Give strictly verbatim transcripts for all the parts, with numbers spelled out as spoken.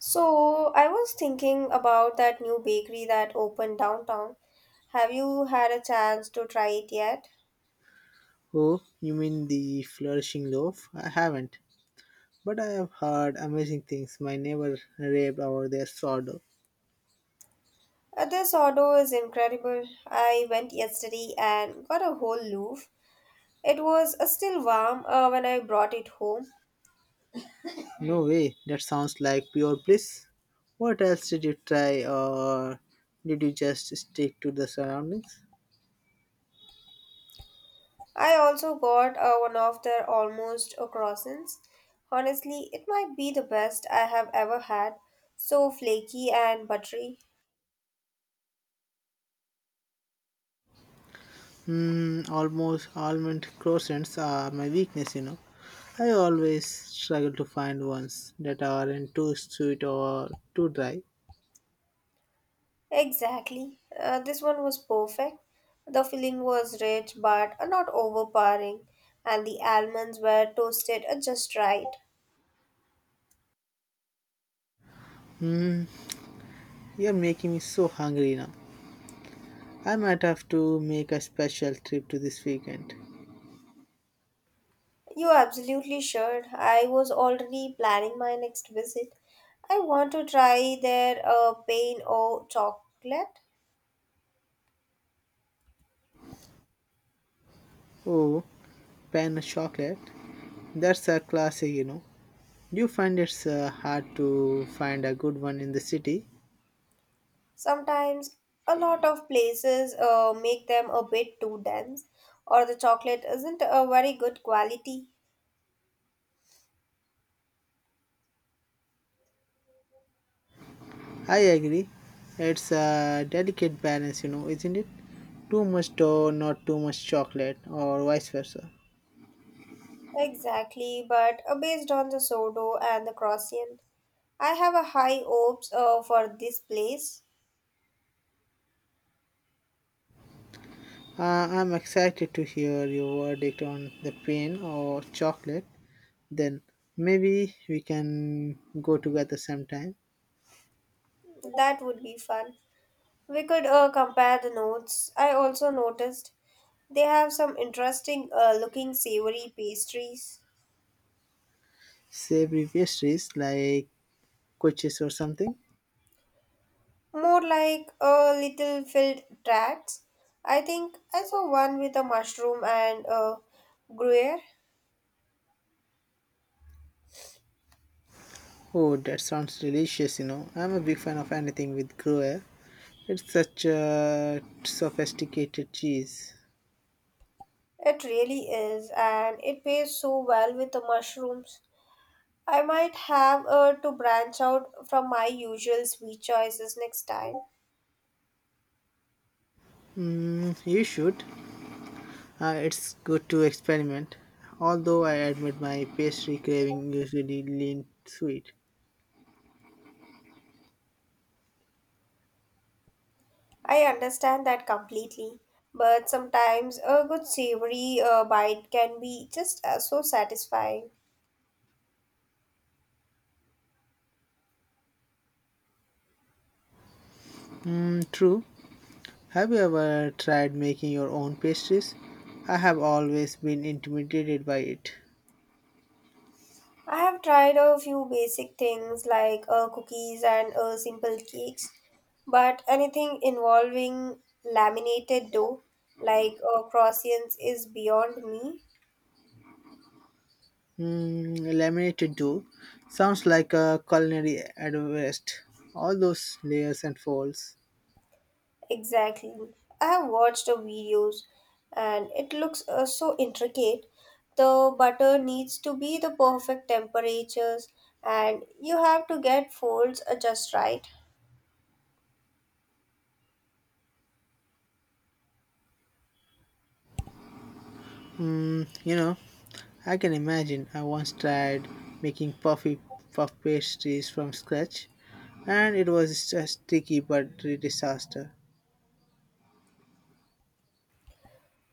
So, I was thinking about that new bakery that opened downtown. Have you had a chance to try it yet? Oh, you mean the Flourishing Loaf? I haven't, but I have heard amazing things. My neighbor raved over their sourdough. Uh, This order is incredible. I went yesterday and got a whole loaf. It was uh, still warm uh, when I brought it home. No way, that sounds like pure bliss. What else did you try, or did you just stick to the surroundings? I also got uh, one of their almost uh, croissants. Honestly, it might be the best I have ever had. So flaky and buttery. Hmm, almost almond croissants are my weakness you know. I always struggle to find ones that aren't too sweet or too dry. Exactly. Uh, this one was perfect. The filling was rich but not overpowering, and the almonds were toasted uh, just right. Hmm, you're making me so hungry now. I might have to make a special trip to this weekend. You absolutely should. I was already planning my next visit. I want to try their uh, pain or chocolate. Oh, pan chocolate. That's a classic you know. You find it's uh, hard to find a good one in the city. Sometimes a lot of places uh, make them a bit too dense, or the chocolate isn't a very good quality. I agree. It's a delicate balance, you know, isn't it? Too much dough, not too much chocolate, or vice versa. Exactly, but uh, based on the sourdough and the croissant. I have a high hopes uh, for this place. Uh, I'm excited to hear your verdict on the pain or chocolate. Then maybe we can go together sometime. That would be fun. We could uh, compare the notes. I also noticed they have some interesting uh, looking savory pastries, Savory pastries like quiches or something? more like uh, little filled tarts. I think I saw one with a mushroom and uh, gruyere. Oh, that sounds delicious you know. I'm a big fan of anything with Gruyere. It's such a sophisticated cheese. It really is, and it pairs so well with the mushrooms. I might have uh, to branch out from my usual sweet choices next time. Mm, you should. Uh, it's good to experiment. Although I admit my pastry craving usually lean sweet. I understand that completely, but sometimes a good savory uh, bite can be just uh, so satisfying. Mm, true. Have you ever tried making your own pastries? I have always been intimidated by it. I have tried a few basic things like uh, cookies and uh, simple cakes, but anything involving laminated dough like uh, croissants is beyond me. Mm, laminated dough sounds like a culinary advanced. All those layers and folds. Exactly. I have watched the videos and it looks uh, so intricate. The butter needs to be the perfect temperatures and you have to get folds uh, just right. Mm, you know, I can imagine. I once tried making puffy puff pastries from scratch, and it was a sticky but a disaster.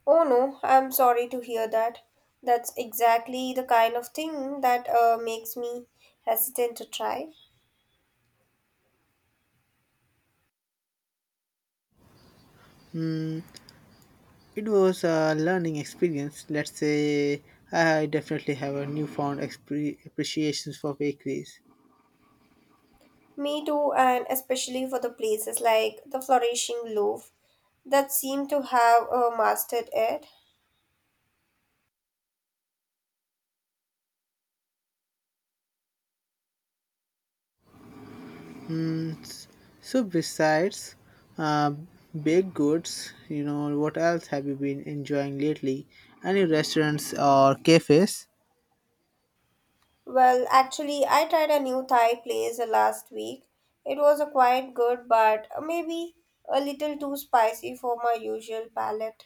Oh no, I'm sorry to hear that. That's exactly the kind of thing that uh, makes me hesitant to try. Mm, it was a learning experience. Let's say I definitely have a newfound expre- appreciation for bakeries. Me too, and especially for the places like the flourishing loaf that seem to have uh, mastered it. Mm, s- so besides uh, baked goods, you know, what else have you been enjoying lately? Any restaurants or cafes? Well, actually, I tried a new Thai place uh, last week. It was uh, quite good, but uh, maybe a little too spicy for my usual palate.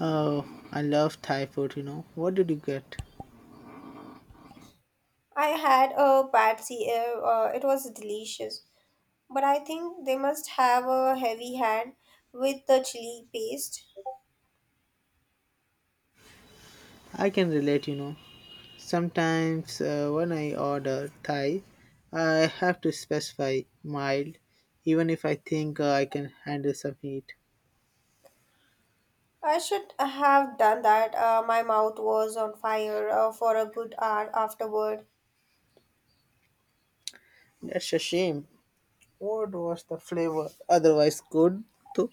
Oh, I love Thai food you know. What did you get? I had a pad see, uh, uh, it was delicious, but I think they must have a heavy hand with the chili paste. I can relate you know. Sometimes uh, when I order Thai, I have to specify mild, even if I think uh, I can handle some heat. I should have done that. Uh, my mouth was on fire uh, for a good hour afterward. That's a shame. What was the flavor? Otherwise, good. Too.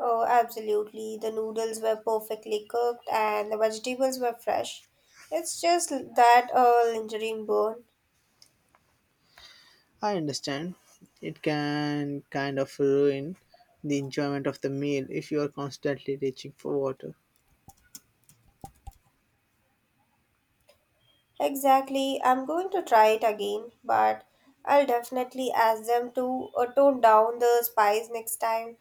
Oh, absolutely. The noodles were perfectly cooked and the vegetables were fresh. It's just that a lingering bone. I understand. It can kind of ruin the enjoyment of the meal if you are constantly reaching for water. Exactly. I'm going to try it again, but I'll definitely ask them to uh, tone down the spice next time.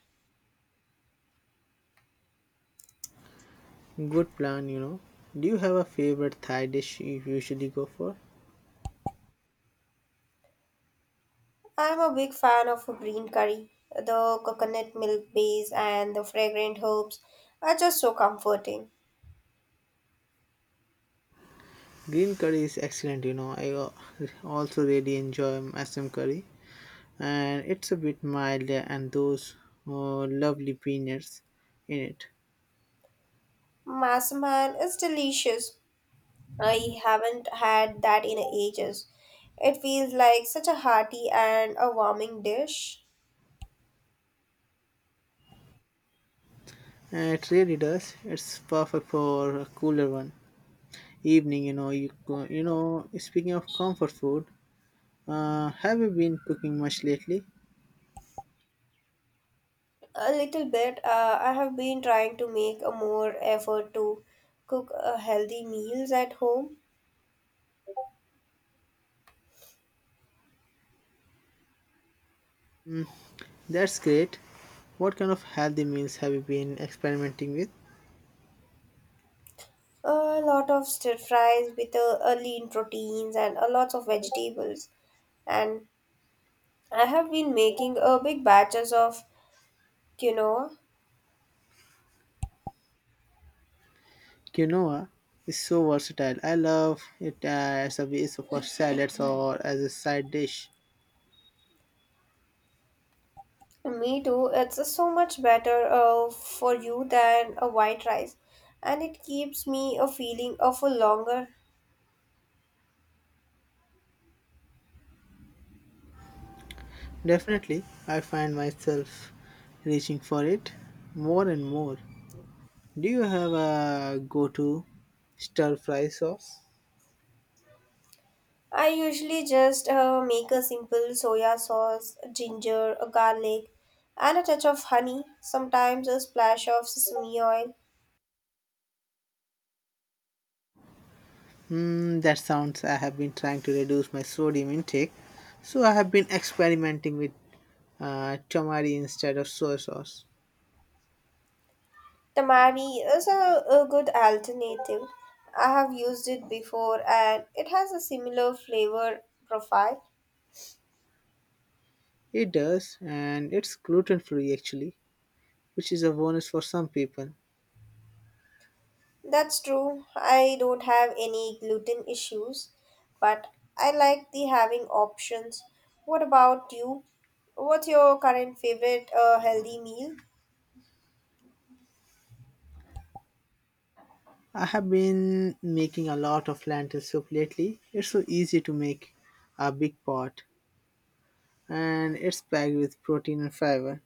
Good plan you know. Do you have a favorite Thai dish you usually go for? I'm a big fan of green curry. The coconut milk base and the fragrant herbs are just so comforting. Green curry is excellent you know. I al- also really enjoy Assam curry, and it's a bit milder and those uh, lovely peanuts in it. Massaman is delicious, I haven't had that in ages. It feels like such a hearty and a warming dish. And it really does. It's perfect for a cooler one evening. You know, you go- you know. Speaking of comfort food, Uh, have you been cooking much lately? A little bit, uh, I have been trying to make a more effort to cook uh, healthy meals at home. That's great. What kind of healthy meals have you been experimenting with? A lot of stir fries with uh, a lean proteins and a lots of vegetables. And I have been making a big batches of quinoa. Quinoa is so versatile. I love it as a base for salads or as a side dish. Me too. It's so much better uh, for you than a white rice, and it keeps me a feeling uh, for longer. Definitely, I find myself reaching for it more and more. Do you have a go to stir fry sauce? I usually just uh, make a simple soya sauce, ginger, a garlic, and a touch of honey. Sometimes a splash of sesame oil. Hmm, that sounds. I have been trying to reduce my sodium intake, so I have been experimenting with uh, tamari instead of soy sauce. Tamari is a, a good alternative. I have used it before, and it has a similar flavor profile. It does, and it's gluten free actually, which is a bonus for some people. That's true. I don't have any gluten issues, but I like the having options. What about you? What's your current favorite uh, healthy meal? I have been making a lot of lentil soup lately. It's so easy to make a big pot, and it's packed with protein and fiber.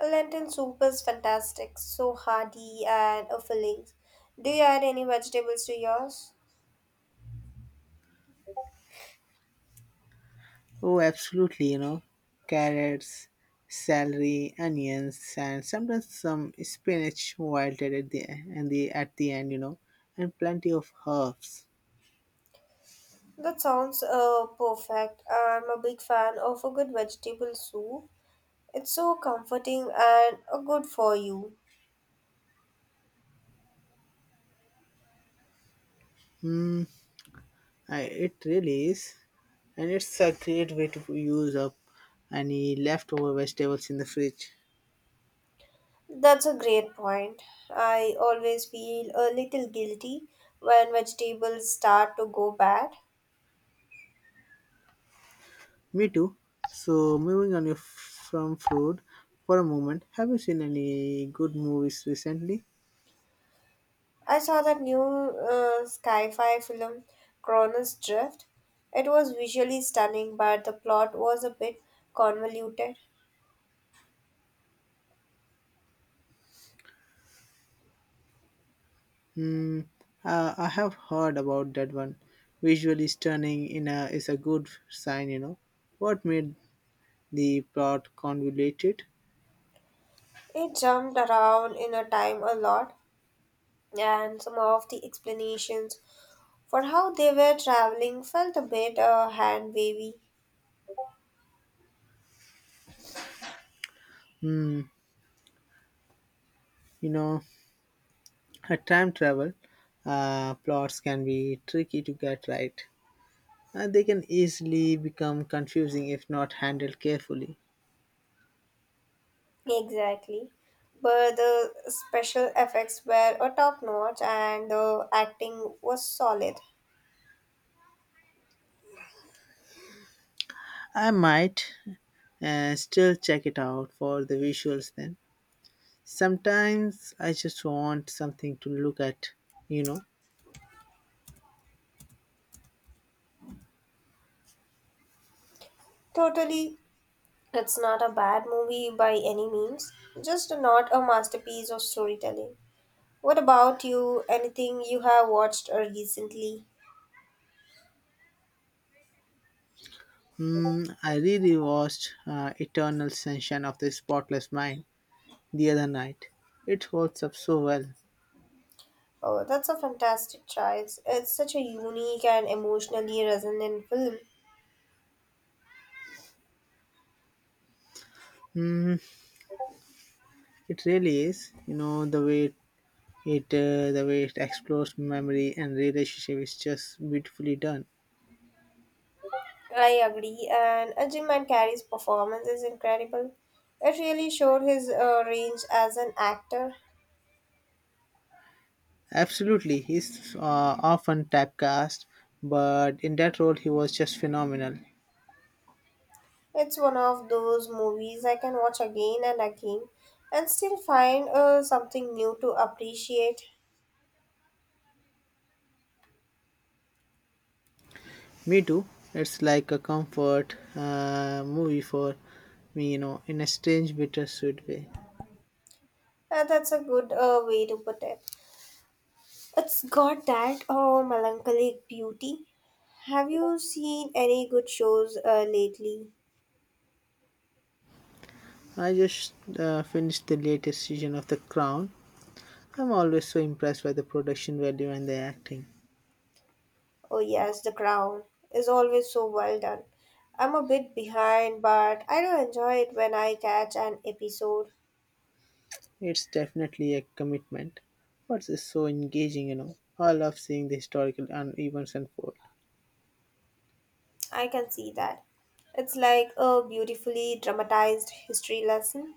Lentil soup is fantastic, so hearty and uh, filling. Do you add any vegetables to yours? Oh, absolutely you know, carrots, celery, onions, and sometimes some spinach wilted at the and the at the end, you know, and plenty of herbs. That sounds uh, perfect. I'm a big fan of a good vegetable soup. It's so comforting and uh, good for you. I, it really is, and it's a great way to use up any leftover vegetables in the fridge. That's a great point. I always feel a little guilty when vegetables start to go bad. Me too. So, moving on your, from food for a moment, have you seen any good movies recently? I saw that new uh, sci-fi film, Cronus Drift. It was visually stunning, but the plot was a bit convoluted. Mm, Uh, I have heard about that one. Visually stunning in a, is a good sign you know. What made the plot convoluted? It jumped around in a time a lot, and some of the explanations for how they were traveling felt a bit uh, hand wavy. Hmm, you know, a time travel uh, plots can be tricky to get right. Uh, they can easily become confusing if not handled carefully. Exactly. But the special effects were a top notch and the acting was solid. I might uh, still check it out for the visuals then. Sometimes I just want something to look at, you know. Totally, it's not a bad movie by any means, just not a masterpiece of storytelling. What about you? Anything you have watched uh, recently? Mm, I really watched uh, Eternal Sunshine of the Spotless Mind the other night. It holds up so well. Oh, that's a fantastic choice. It's such a unique and emotionally resonant film. Mm, it really is. You know the way it, uh, the way it explores memory and relationship is just beautifully done. I agree, and Ajay Mankari's performance is incredible. It really showed his uh, range as an actor. Absolutely, he's uh, often typecast, but in that role he was just phenomenal. It's one of those movies I can watch again and again and still find uh, something new to appreciate. Me too. It's like a comfort uh, movie for me, you know, in a strange, bittersweet way. Uh, that's a good uh, way to put it. It's got that oh, melancholic beauty. Have you seen any good shows uh, lately? I just uh, finished the latest season of The Crown. I'm always so impressed by the production value and the acting. Oh, yes, The Crown is always so well done. I'm a bit behind, but I do enjoy it when I catch an episode. It's definitely a commitment, but it's so engaging you know. I love seeing the historical un- events unfold. I can see that. It's like a beautifully dramatized history lesson.